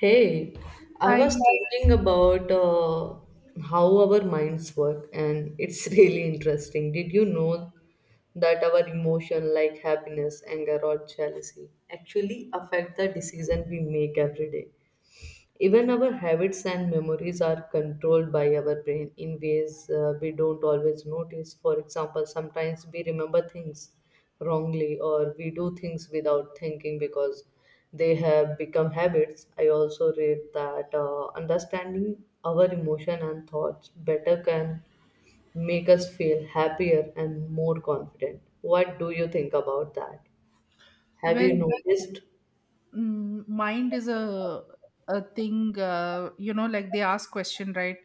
Hey, I was I thinking about how our minds work, and it's really interesting. Did you know that our emotion, like happiness, anger, or jealousy, actually affect the decision we make every day? Even our habits and memories are controlled by our brain in ways we don't always notice. For example, sometimes we remember things wrongly or we do things without thinking because they have become habits. I also read that understanding our emotion and thoughts better can make us feel happier and more confident. What do you think about that? Have well, you noticed? mm, mind is a thing. Like they ask question, right?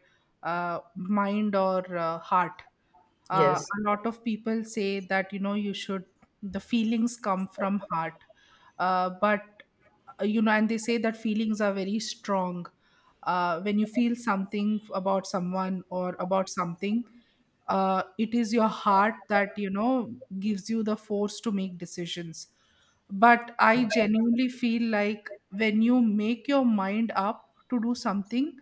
Mind or heart. Uh, Yes. a lot of people say that you know you should the feelings come from heart, but and they say that feelings are very strong, when you feel something about someone or about something, it is your heart that gives you the force to make decisions. But I genuinely feel like when you make your mind up to do something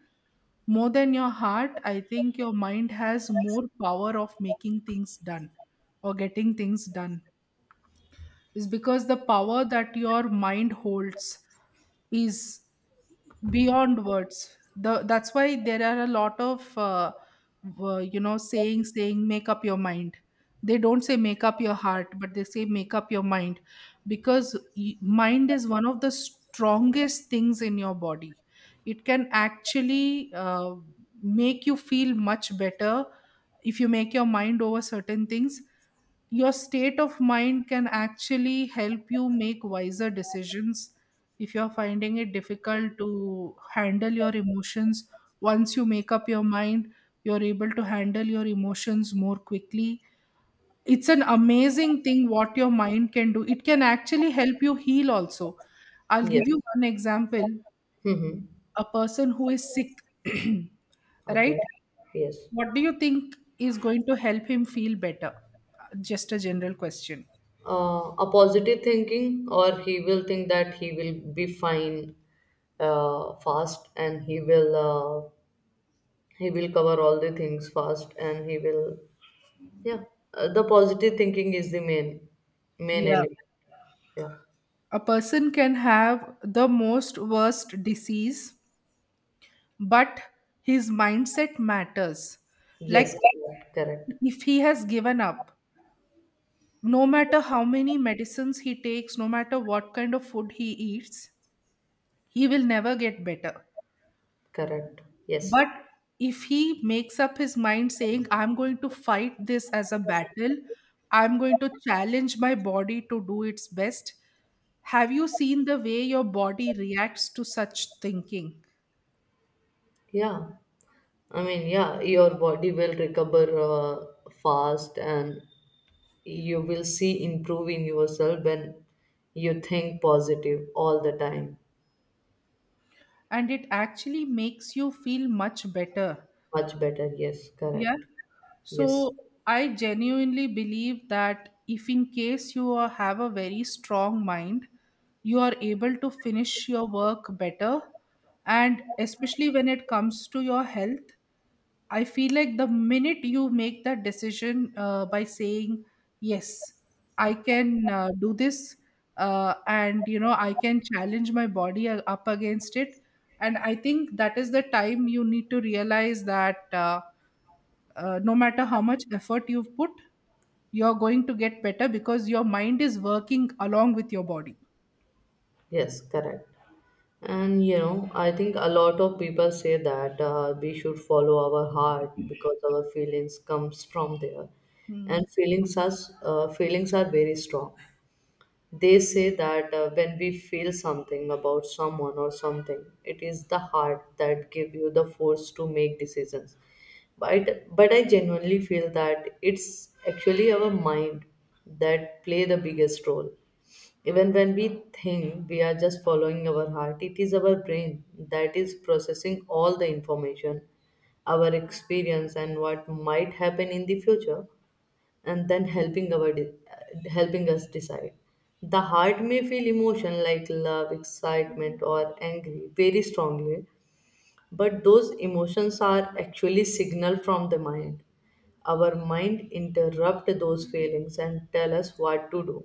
more than your heart, I think your mind has more power of making things done or getting things done. Is because the power that your mind holds is beyond words. The That's why there are a lot of sayings saying make up your mind. They don't say make up your heart, but they say make up your mind, because mind is one of the strongest things in your body. It can actually make you feel much better. If you make your mind over certain things, your state of mind can actually help you make wiser decisions. If you're finding it difficult to handle your emotions, once you make up your mind, you're able to handle your emotions more quickly. It's an amazing thing what your mind can do. It can actually help you heal also. I'll Yes. give you one example. Mm-hmm. A person who is sick, right? Okay. Yes. What do you think is going to help him feel better? Just a general question. A positive thinking or he will think that he will be fine fast, and he will cover all the things fast, and he will, yeah. The positive thinking is the main Yeah. element. Yeah. A person can have the most worst disease, but his mindset matters. Like, Yes, correct, correct, if he has given up, no matter how many medicines he takes, no matter what kind of food he eats, he will never get better. correct, yes. But if he makes up his mind saying, I'm going to fight this as a battle, I'm going to challenge my body to do its best. Have you seen the way your body reacts to such thinking? Yeah, I mean, yeah, your body will recover fast, and you will see improve in yourself when you think positive all the time. And it actually makes you feel much better. Much better, yes, Yeah. correct. Yes, So I genuinely believe that if in case have a very strong mind, you are able to finish your work better. And especially when it comes to your health, I feel like the minute you make that decision, by saying, yes, I can do this, and I can challenge my body up against it. And I think that is the time you need to realize that no matter how much effort you've put, you're going to get better because your mind is working along with your body. yes, correct. And you know, I think a lot of people say that we should follow our heart because our feelings comes from there, Hmm. and feelings are very strong. They say that when we feel something about someone or something, it is the heart that give you the force to make decisions. But I genuinely feel that it's actually our mind that play the biggest role. Even when we think we are just following our heart, it is our brain that is processing all the information, our experience, and what might happen in the future, and then helping helping us decide. The heart may feel emotion like love, excitement, or angry very strongly, but those emotions are actually signal from the mind. Our mind interrupt those feelings and tell us what to do.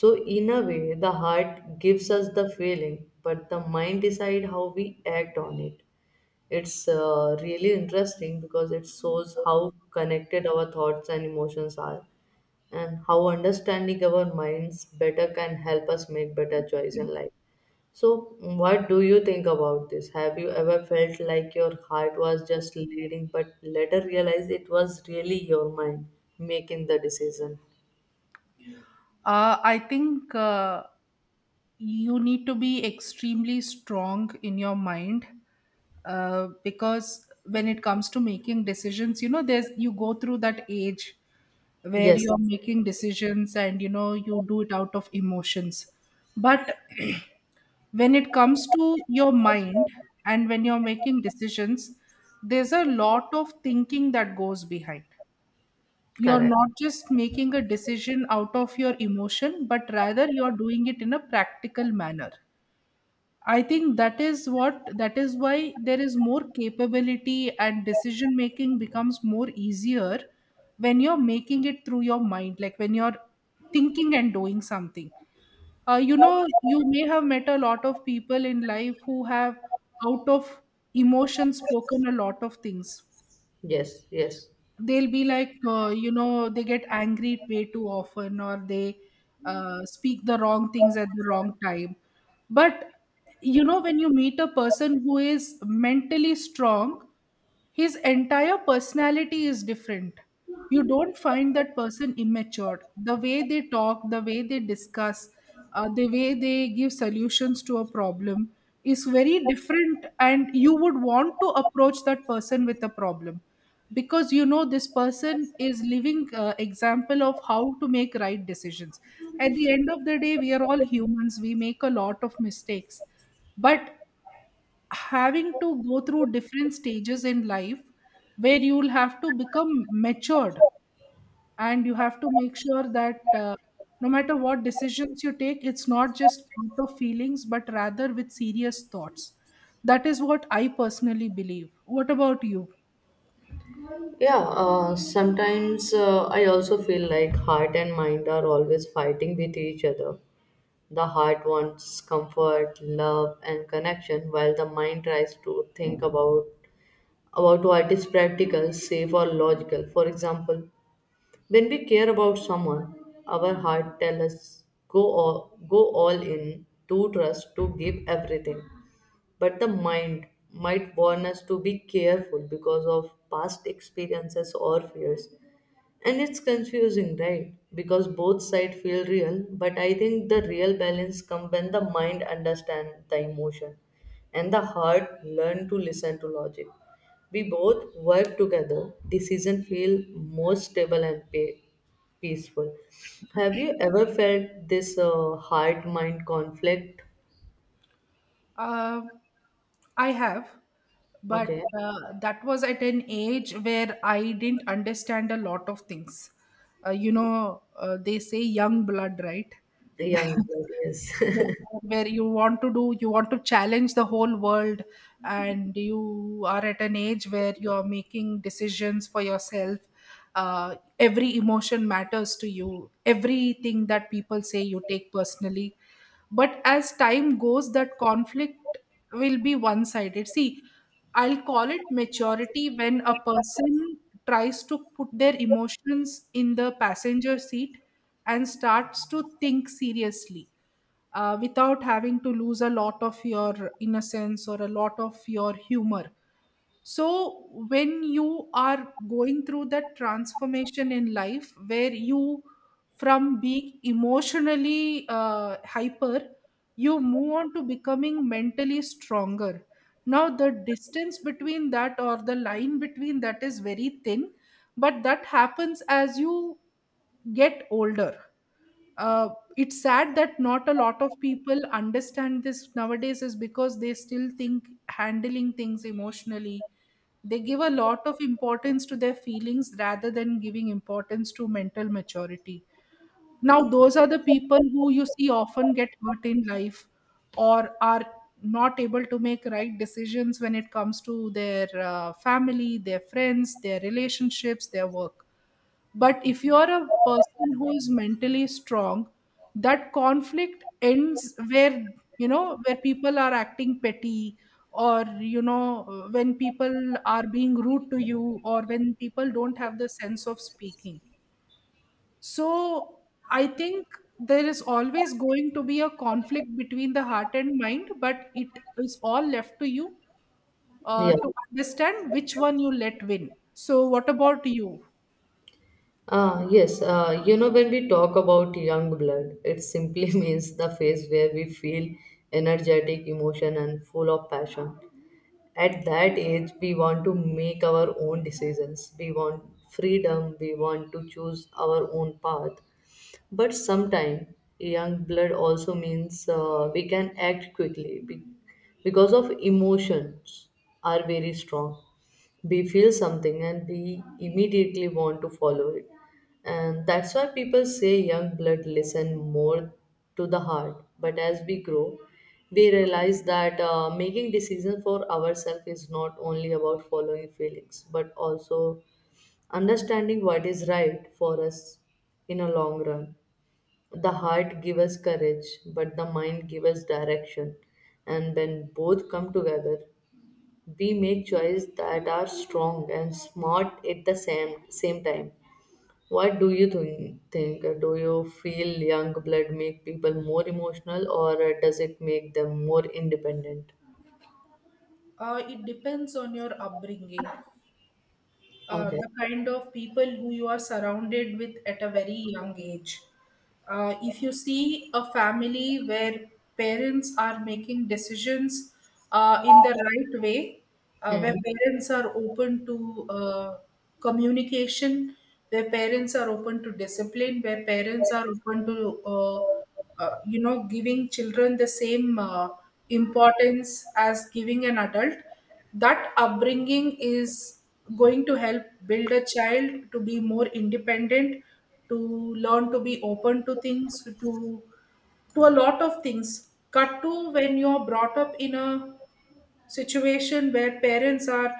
So in a way, the heart gives us the feeling, but the mind decide how we act on it. It's really interesting because it shows how connected our thoughts and emotions are and how understanding our minds better can help us make better choice in life. So, what do you think about this? Have you ever felt like your heart was just leading, but later realized it was really your mind making the decision? I think you need to be extremely strong in your mind, because when it comes to making decisions, you know, there's you go through that age where Yes, you're making decisions and you do it out of emotions. But when it comes to your mind and when you're making decisions, there's a lot of thinking that goes behind. You're correct. not just making a decision out of your emotion, but rather you're doing it in a practical manner. I think that is why there is more capability and decision making becomes more easier when you're making it through your mind, like when you're thinking and doing something. You may have met a lot of people in life who have, out of emotion, spoken a lot of things. Yes, yes. They'll be like, they get angry way too often, or they speak the wrong things at the wrong time. But when you meet a person who is mentally strong, his entire personality is different. You don't find that person immature. The way they talk, the way they discuss, the way they give solutions to a problem is very different, and you would want to approach that person with a problem, because you know this person is living example of how to make right decisions. At the end of the day, we are all humans, we make a lot of mistakes. But having to go through different stages in life where you will have to become matured, and you have to make sure that, no matter what decisions you take, it's not just out of feelings but rather with serious thoughts. That is what I personally believe. What about you? Yeah, sometimes I also feel like heart and mind are always fighting with each other. The heart wants comfort, love, and connection, while the mind tries to think about what is practical, safe, or logical. For example, when we care about someone, our heart tells us go all in, to trust, to give everything. But the mind might warn us to be careful because of past experiences or fears. And it's confusing, right? Because both sides feel real, but I think the real balance comes when the mind understands the emotion and the heart learn to listen to logic. We both work together, decision feel more stable and peaceful. Have you ever felt this heart mind conflict? Uh, I have, Okay, but that was at an age where I didn't understand a lot of things. They say young blood, right? young blood, yes. Where you want to challenge the whole world, and you are at an age where you are making decisions for yourself. Every emotion matters to you. Everything that people say, you take personally. But as time goes, that conflict will be one sided, see. I'll call it maturity when a person tries to put their emotions in the passenger seat and starts to think seriously, without having to lose a lot of your innocence or a lot of your humor. So, when you are going through that transformation in life where you, from being emotionally hyper, you move on to becoming mentally stronger. Now, the distance between that or the line between that is very thin, but that happens as you get older. Uh, it's sad that not a lot of people understand this nowadays, is because they still think handling things emotionally, they give a lot of importance to their feelings rather than giving importance to mental maturity. Now, those are the people who you see often get hurt in life, or are not able to make right decisions when it comes to their family, their friends, their relationships, their work. But if you are a person who is mentally strong, that conflict ends where, where people are acting petty, or, when people are being rude to you, or when people don't have the sense of speaking. So I think there is always going to be a conflict between the heart and mind, but it is all left to you Yeah. to understand which one you let win. So, what about you? Ah, yes. You know, when we talk about young blood, it simply means the phase where we feel energetic, emotion, and full of passion. At that age we want to make our own decisions, we want freedom, we want to choose our own path. But sometimes young blood also means we can act quickly because of emotions are very strong. We feel something and we immediately want to follow it, and that's why people say young blood listen more to the heart. But as we grow, we realize that making decisions for ourselves is not only about following feelings, but also understanding what is right for us in a long run. The heart gives us courage, but the mind gives us direction. And when both come together, we make choices that are strong and smart at the same time. What do you think? Think do you feel young blood make people more emotional, or does it make them more independent? It depends on your upbringing, Okay. the kind of people who you are surrounded with at a very young age. If you see a family where parents are making decisions in the right way, where Hmm. parents are open to communication, where parents are open to discipline, where parents are open to uh, giving children the same importance as giving an adult, that upbringing is going to help build a child to be more independent, to learn to be open to things, to a lot of things. Cut to when you're brought up in a situation where parents are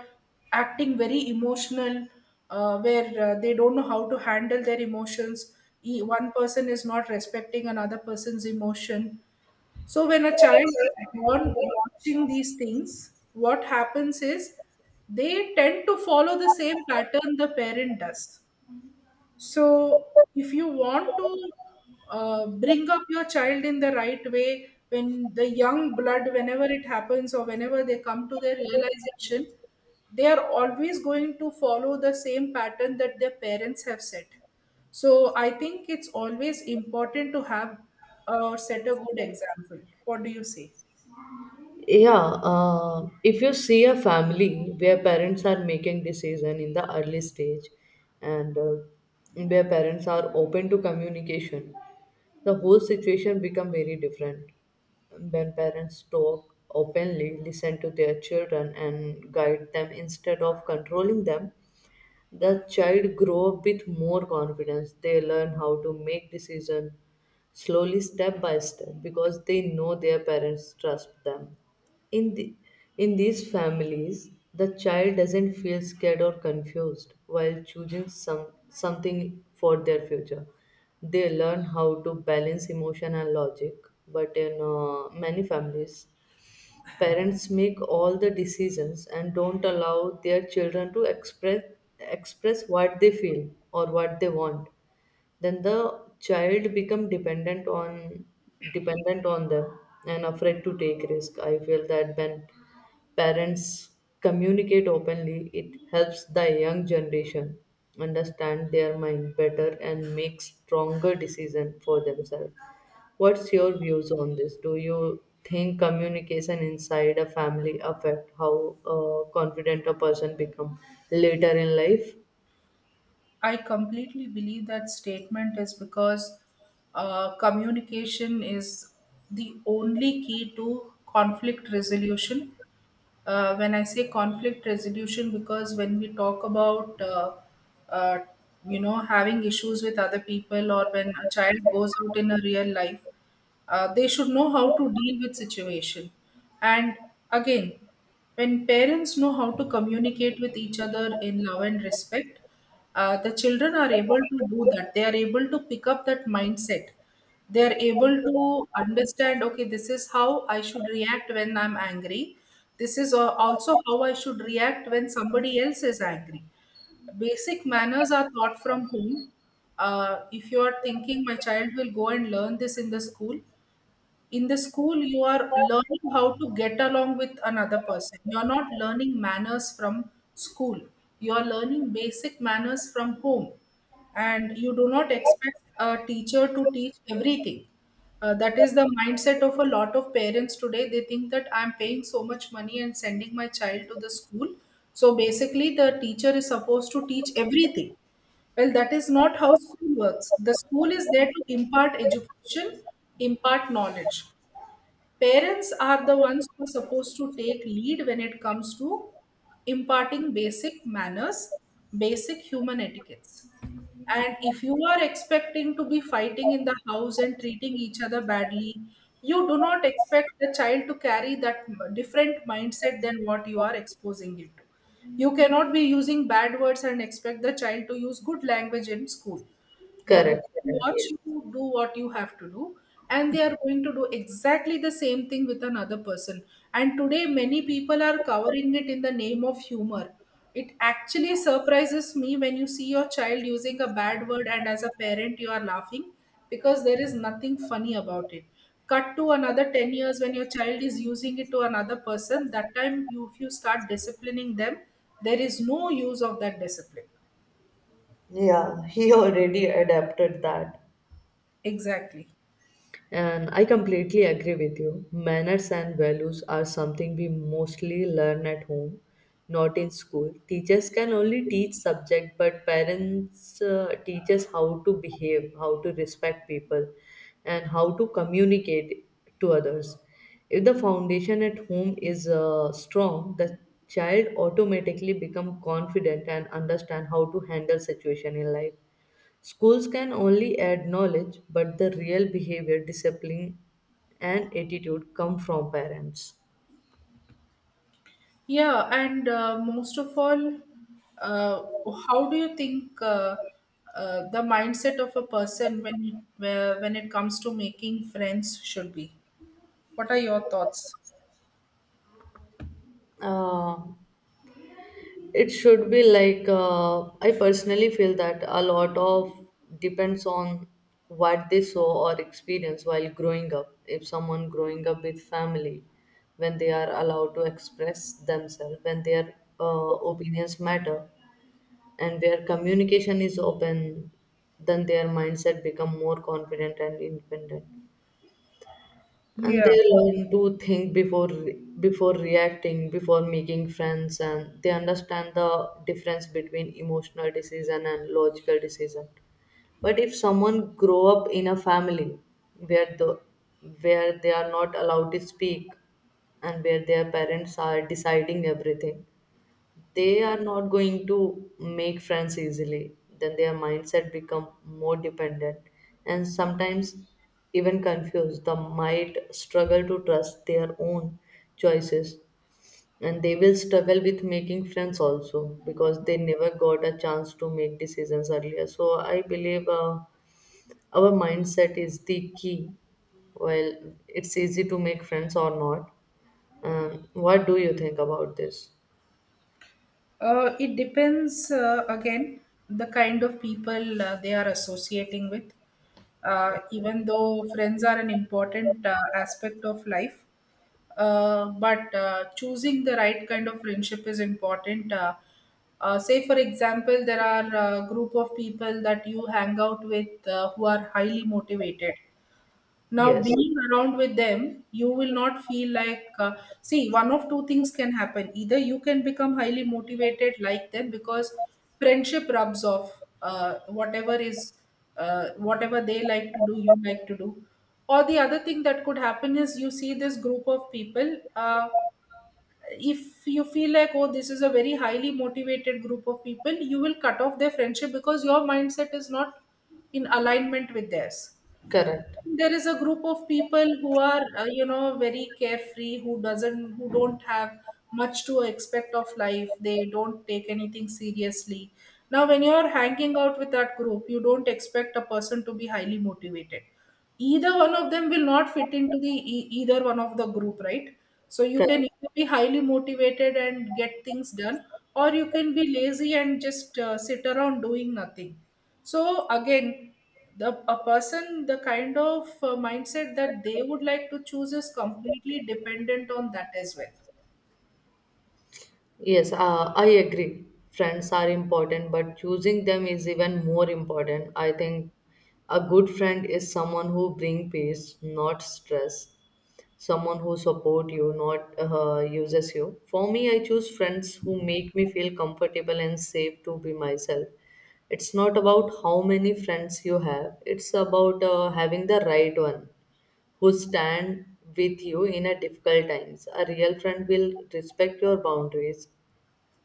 acting very emotional, where they don't know how to handle their emotions. One person is not respecting another person's emotion. So when a child is born watching these things, what happens is they tend to follow the same pattern the parent does. So, if you want to bring up your child in the right way, when the young blood, whenever it happens or whenever they come to their realization, they are always going to follow the same pattern that their parents have set. So, I think it's always important to have or set a good example. What do you say? Yeah. If you see a family where parents are making decision in the early stage, and where parents are open to communication, the whole situation become very different. When parents talk openly, listen to their children, and guide them instead of controlling them, the child grow up with more confidence. They learn how to make decision slowly step by step because they know their parents trust them. in the, in these families, the child doesn't feel scared or confused while choosing something for their future. They learn how to balance emotion and logic. But in many families, parents make all the decisions and don't allow their children to express what they feel or what they want. Then the child become dependent on them, and afraid to take risk. I feel that when parents communicate openly, it helps the young generation understand their mind better and make stronger decision for themselves. What's your views on this? Do you think communication inside a family affect how confident a person become later in life? I completely believe that statement, is because communication is the only key to conflict resolution. When I say conflict resolution, because when we talk about uh, having issues with other people, or when a child goes out in a real life, they should know how to deal with situation. And again, when parents know how to communicate with each other in love and respect, the children are able to do that. They are able to pick up that mindset, they are able to understand, okay, this is how I should react when I'm angry, this is also how I should react when somebody else is angry. Basic manners are taught from home. If you are thinking my child will go and learn this in the school, in the school, you are learning how to get along with another person. You're not learning manners from school. You are learning basic manners from home. And you do not expect a teacher to teach everything. That is the mindset of a lot of parents today. They think that I'm paying so much money and sending my child to the school. So basically, the teacher is supposed to teach everything. Well, that is not how school works. The school is there to impart education, impart knowledge. Parents are the ones who are supposed to take lead when it comes to imparting basic manners, basic human etiquettes. And if you are expecting to be fighting in the house and treating each other badly, you do not expect the child to carry that different mindset than what you are exposing him to. You cannot be using bad words and expect the child to use good language in school. They are going Correct, to correct, watch yes. you do what you have to do, and they are going to do exactly the same thing with another person. And today, many people are covering it in the name of humor. It actually surprises me when you see your child using a bad word, and as a parent, you are laughing because there is nothing funny about it. Cut to another 10 years when your child is using it to another person, that time, if you start disciplining them, there is no use of that discipline. Yeah, he already adapted that. Exactly. And I completely agree with you. Manners and values are something we mostly learn at home, not in school. Teachers can only teach subject, but parents teach us how to behave, how to respect people, and how to communicate to others. If the foundation at home is strong, the child automatically become confident and understand how to handle situation in life. Schools can only add knowledge, but the real behavior, discipline, and attitude come from parents. Yeah, and most of all, uh, how do you think the mindset of a person when it comes to making friends should be? What are your thoughts? Uh, it should be like I personally feel that a lot of depends on what they saw or experience while growing up. If someone growing up with family, when they are allowed to express themselves, when their opinions matter, and where communication is open, then their mindset become more confident and independent. And Yeah. they learn to think before reacting, before making friends, and they understand the difference between emotional decision and logical decision. But if someone grow up in a family where the where they are not allowed to speak and where their parents are deciding everything, they are not going to make friends easily. Then their mindset become more dependent, and sometimes even confused. They might struggle to trust their own choices, and they will struggle with making friends also because they never got a chance to make decisions earlier. So I believe our mindset is the key, well, it's easy to make friends or not. Um, what do you think about this? It depends, again, the kind of people, they are associating with. Even though friends are an important, aspect of life, but choosing the right kind of friendship is important. Say, for example, there are a group of people that you hang out with, who are highly motivated. Now, Yes, being around with them, you will not feel like, see, one of two things can happen. Either you can become highly motivated like them, because friendship rubs off. uh, whatever is, Whatever they like to do, you like to do. Or the other thing that could happen is you see this group of people. If you feel like, oh, this is a very highly motivated group of people, you will cut off their friendship because your mindset is not in alignment with theirs. correct, There is a group of people who are, you know, very carefree, who don't have much to expect of life. They don't take anything seriously. Now when you are hanging out with that group, you don't expect a person to be highly motivated. Either one of them will not fit into the either one of the group, right? So you can correct. either be highly motivated and get things done, or you can be lazy and just sit around doing nothing. So again, the kind of mindset that they would like to choose is completely dependent on that as well. Yes, I agree. Friends are important, but choosing them is even more important. I think a good friend is someone who bring peace, not stress. Someone who support you, not uses you. For me, I choose friends who make me feel comfortable and safe to be myself. It's not about how many friends you have. It's about having the right one who stand with you in a difficult times. A real friend will respect your boundaries,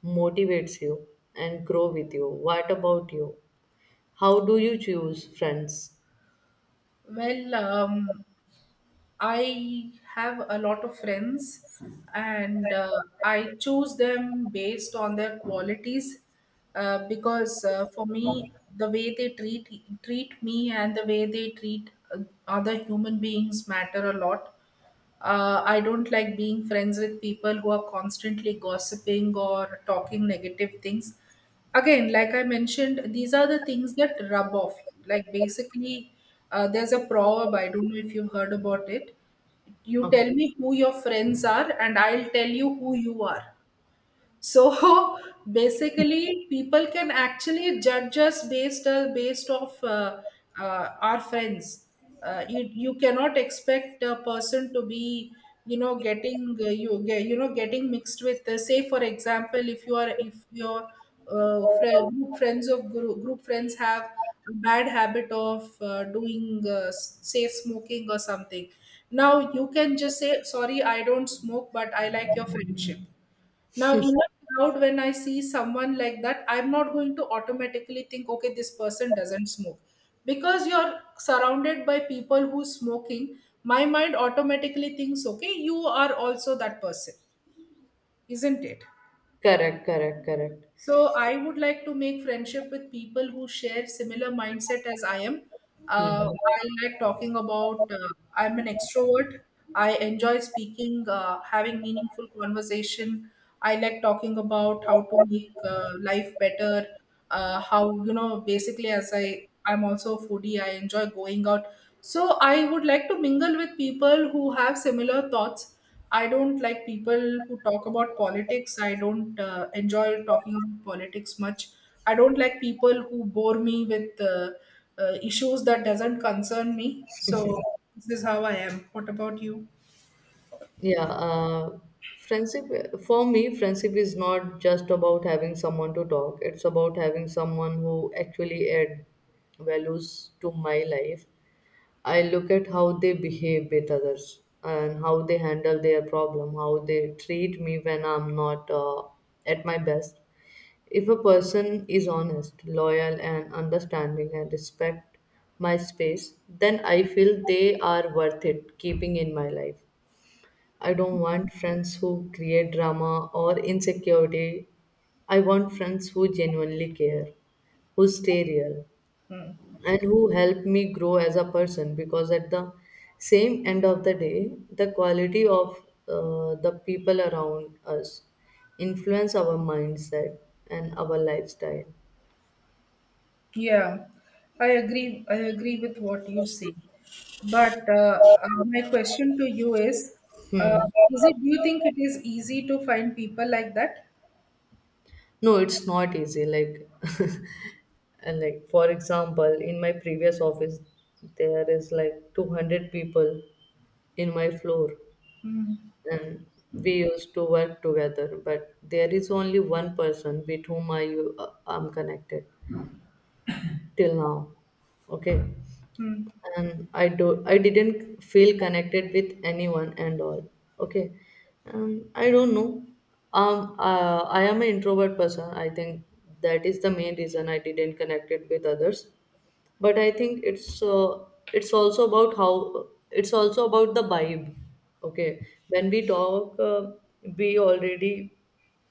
motivates you, and grow with you. What about you? How do you choose friends? Well, I have a lot of friends, and I choose them based on their qualities, because for me, the way they treat me and the way they treat other human beings matter a lot. I don't like being friends with people who are constantly gossiping or talking negative things. Again, like I mentioned, these are the things that rub off. You. Like, basically, there's a proverb, I don't know if you've heard about it. You Okay. tell me who your friends are, and I'll tell you who you are. So basically, people can actually judge us based off our friends. You cannot expect a person to be, you know, getting, you know, getting mixed with, say, for example, if your group friends have a bad habit of doing, say, smoking or something. Now you can just say, sorry, I don't smoke, but I like your friendship. Now, in a crowd, when I see someone like that, I'm not going to automatically think, okay, this person doesn't smoke. Because you're surrounded by people who's smoking, my mind automatically thinks, okay, you are also that person, isn't it? Correct, correct, correct. So I would like to make friendship with people who share similar mindset as I am. Hmm. I like talking about. I'm an extrovert. I enjoy speaking, having meaningful conversation. I like talking about how to make life better. How, you know, basically, as I'm also a foodie. I enjoy going out. So I would like to mingle with people who have similar thoughts. I don't like people who talk about politics. I don't enjoy talking about politics much. I don't like people who bore me with issues that doesn't concern me. So this is how I am. What about you? Yeah, friendship for me, friendship is not just about having someone to talk. It's about having someone who actually add values to my life. I look at how they behave with others and how they handle their problem, how they treat me when I'm not at my best. If a person is honest, loyal, and understanding and respect my space, then I feel they are worth it keeping in my life. I don't want friends who create drama or insecurity. I want friends who genuinely care, who stay real, and who help me grow as a person, because at the same end of the day, the quality of the people around us influence our mindset and our lifestyle. Yeah, I agree. I agree with what you say. But my question to you is: uh, is it? Do you think it is easy to find people like that? No, it's not easy. Like and like for example in my previous office there is like 200 people in my floor, Mm-hmm. and we used to work together, but there is only one person with whom I am connected till now. Okay. And I didn't feel connected with anyone and all. Okay, I don't know. I am an introvert person. I think that is the main reason I didn't connected with others. But I think it's also about how it's also about the vibe. Okay, when we talk, we already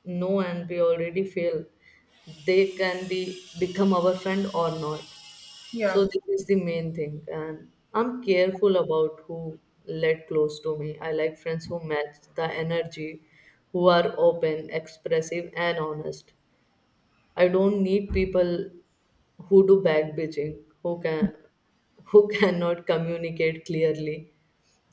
know and we already feel they can be become our friend or not. So Yeah. this is the main thing, and I'm careful about who let close to me. I like friends who match the energy, who are open, expressive, and honest. I don't need people who do back bitching, who can who cannot communicate clearly,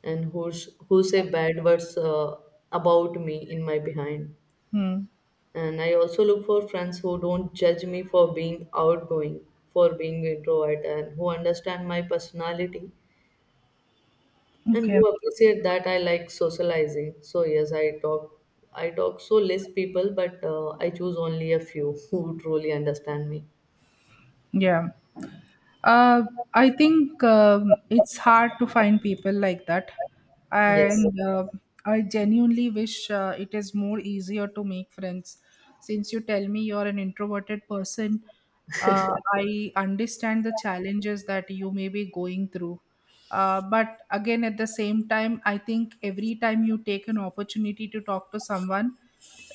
and who say bad words about me in my behind. Hmm. And I also look for friends who don't judge me for being outgoing, for being introvert, and who understand my personality and Okay. who appreciate that I like socializing. So yes, I talk. I talk so less people, but I choose only a few who truly understand me. Yeah. Uh, I think, it's hard to find people like that, Yes, and I genuinely wish it is more easier to make friends. Since you tell me you're an introverted person, I understand the challenges that you may be going through. But again, at the same time, I think every time you take an opportunity to talk to someone,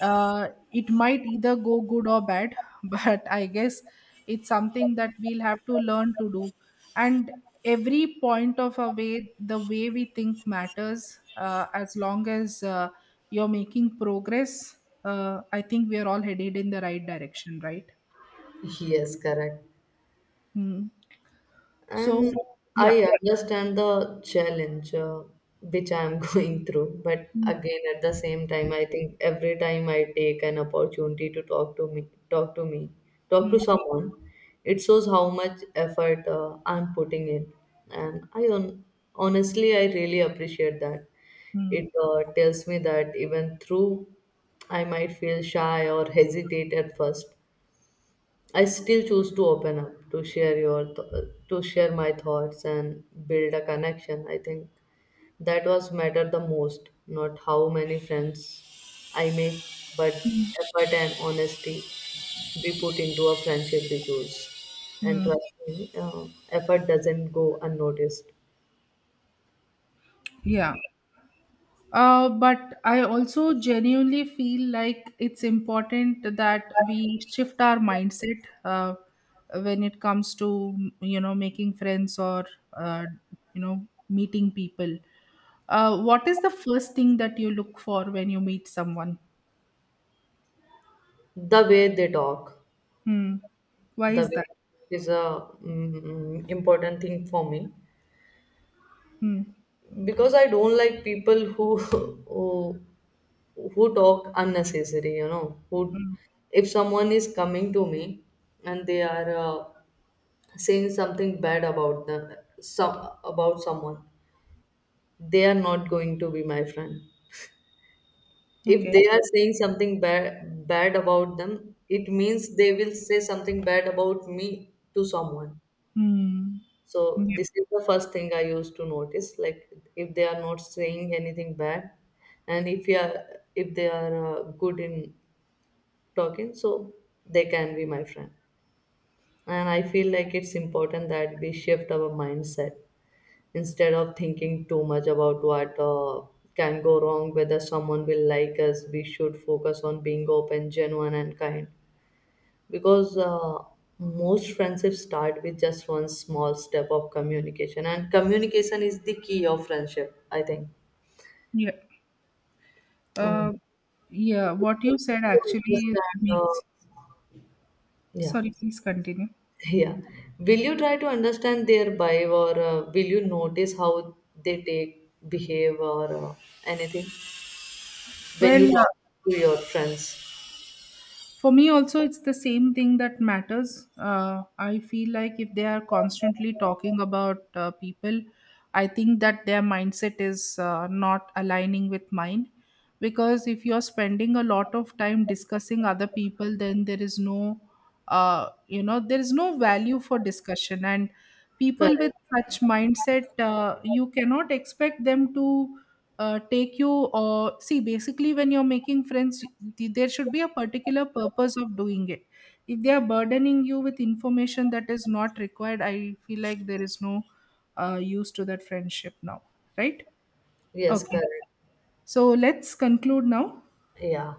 it might either go good or bad but I guess it's something that we'll have to learn to do. And every point of our way, the way we think matters, as long as, you're making progress, I think we are all headed in the right direction, right? yes, correct. Mm. So And yeah. I understand the challenge which I am going through, but Mm, again, at the same time, I think every time I take an opportunity to talk mm, to someone, it shows how much effort I'm putting in, and I on honestly, I really appreciate that. mm, It tells me that even through I might feel shy or hesitate at first, I still choose to open up, to share my thoughts and build a connection. I think that was matter the most, not how many friends I make, but mm, effort and honesty we put into a friendship we choose. And mm. trust me, effort doesn't go unnoticed. Yeah. But I also genuinely feel like it's important that we shift our mindset, when it comes to, you know, making friends or, uh, you know, meeting people. What is the first thing that you look for when you meet someone? The way they talk, Hmm. Why the is way that? is a important thing for me, Hmm. because I don't like people who who talk unnecessary, you know, who, Hmm. if someone is coming to me and they are saying something bad about the some about someone, they are not going to be my friend. If Okay. they are saying something bad about them, it means they will say something bad about me to someone. Hmm. So Yeah. this is the first thing I used to notice. Like if they are not saying anything bad, and if they are good in talking, so they can be my friend. And I feel like it's important that we shift our mindset instead of thinking too much about what can go wrong, whether someone will like us. We should focus on being open, genuine, and kind, because most friendships start with just one small step of communication, and communication is the key of friendship, I think. Yeah. um, Uh, yeah. What you said so just actually that, makes. Yeah. Sorry, please continue. Yeah. Will you try to understand their vibe, or will you notice how they take, behave, or anything when Well, you talk to your friends? for me also it's the same thing that matters. I feel like if they are constantly talking about people, I think that their mindset is not aligning with mine, because if you're spending a lot of time discussing other people, then there is no, you know, there is no value for discussion. And people with Correct. such mindset, you cannot expect them to take you, or see, basically, when you're making friends, there should be a particular purpose of doing it. If they are burdening you with information that is not required, I feel like there is no use to that friendship now, right? Yes, Okay, correct. so let's conclude now. Yeah.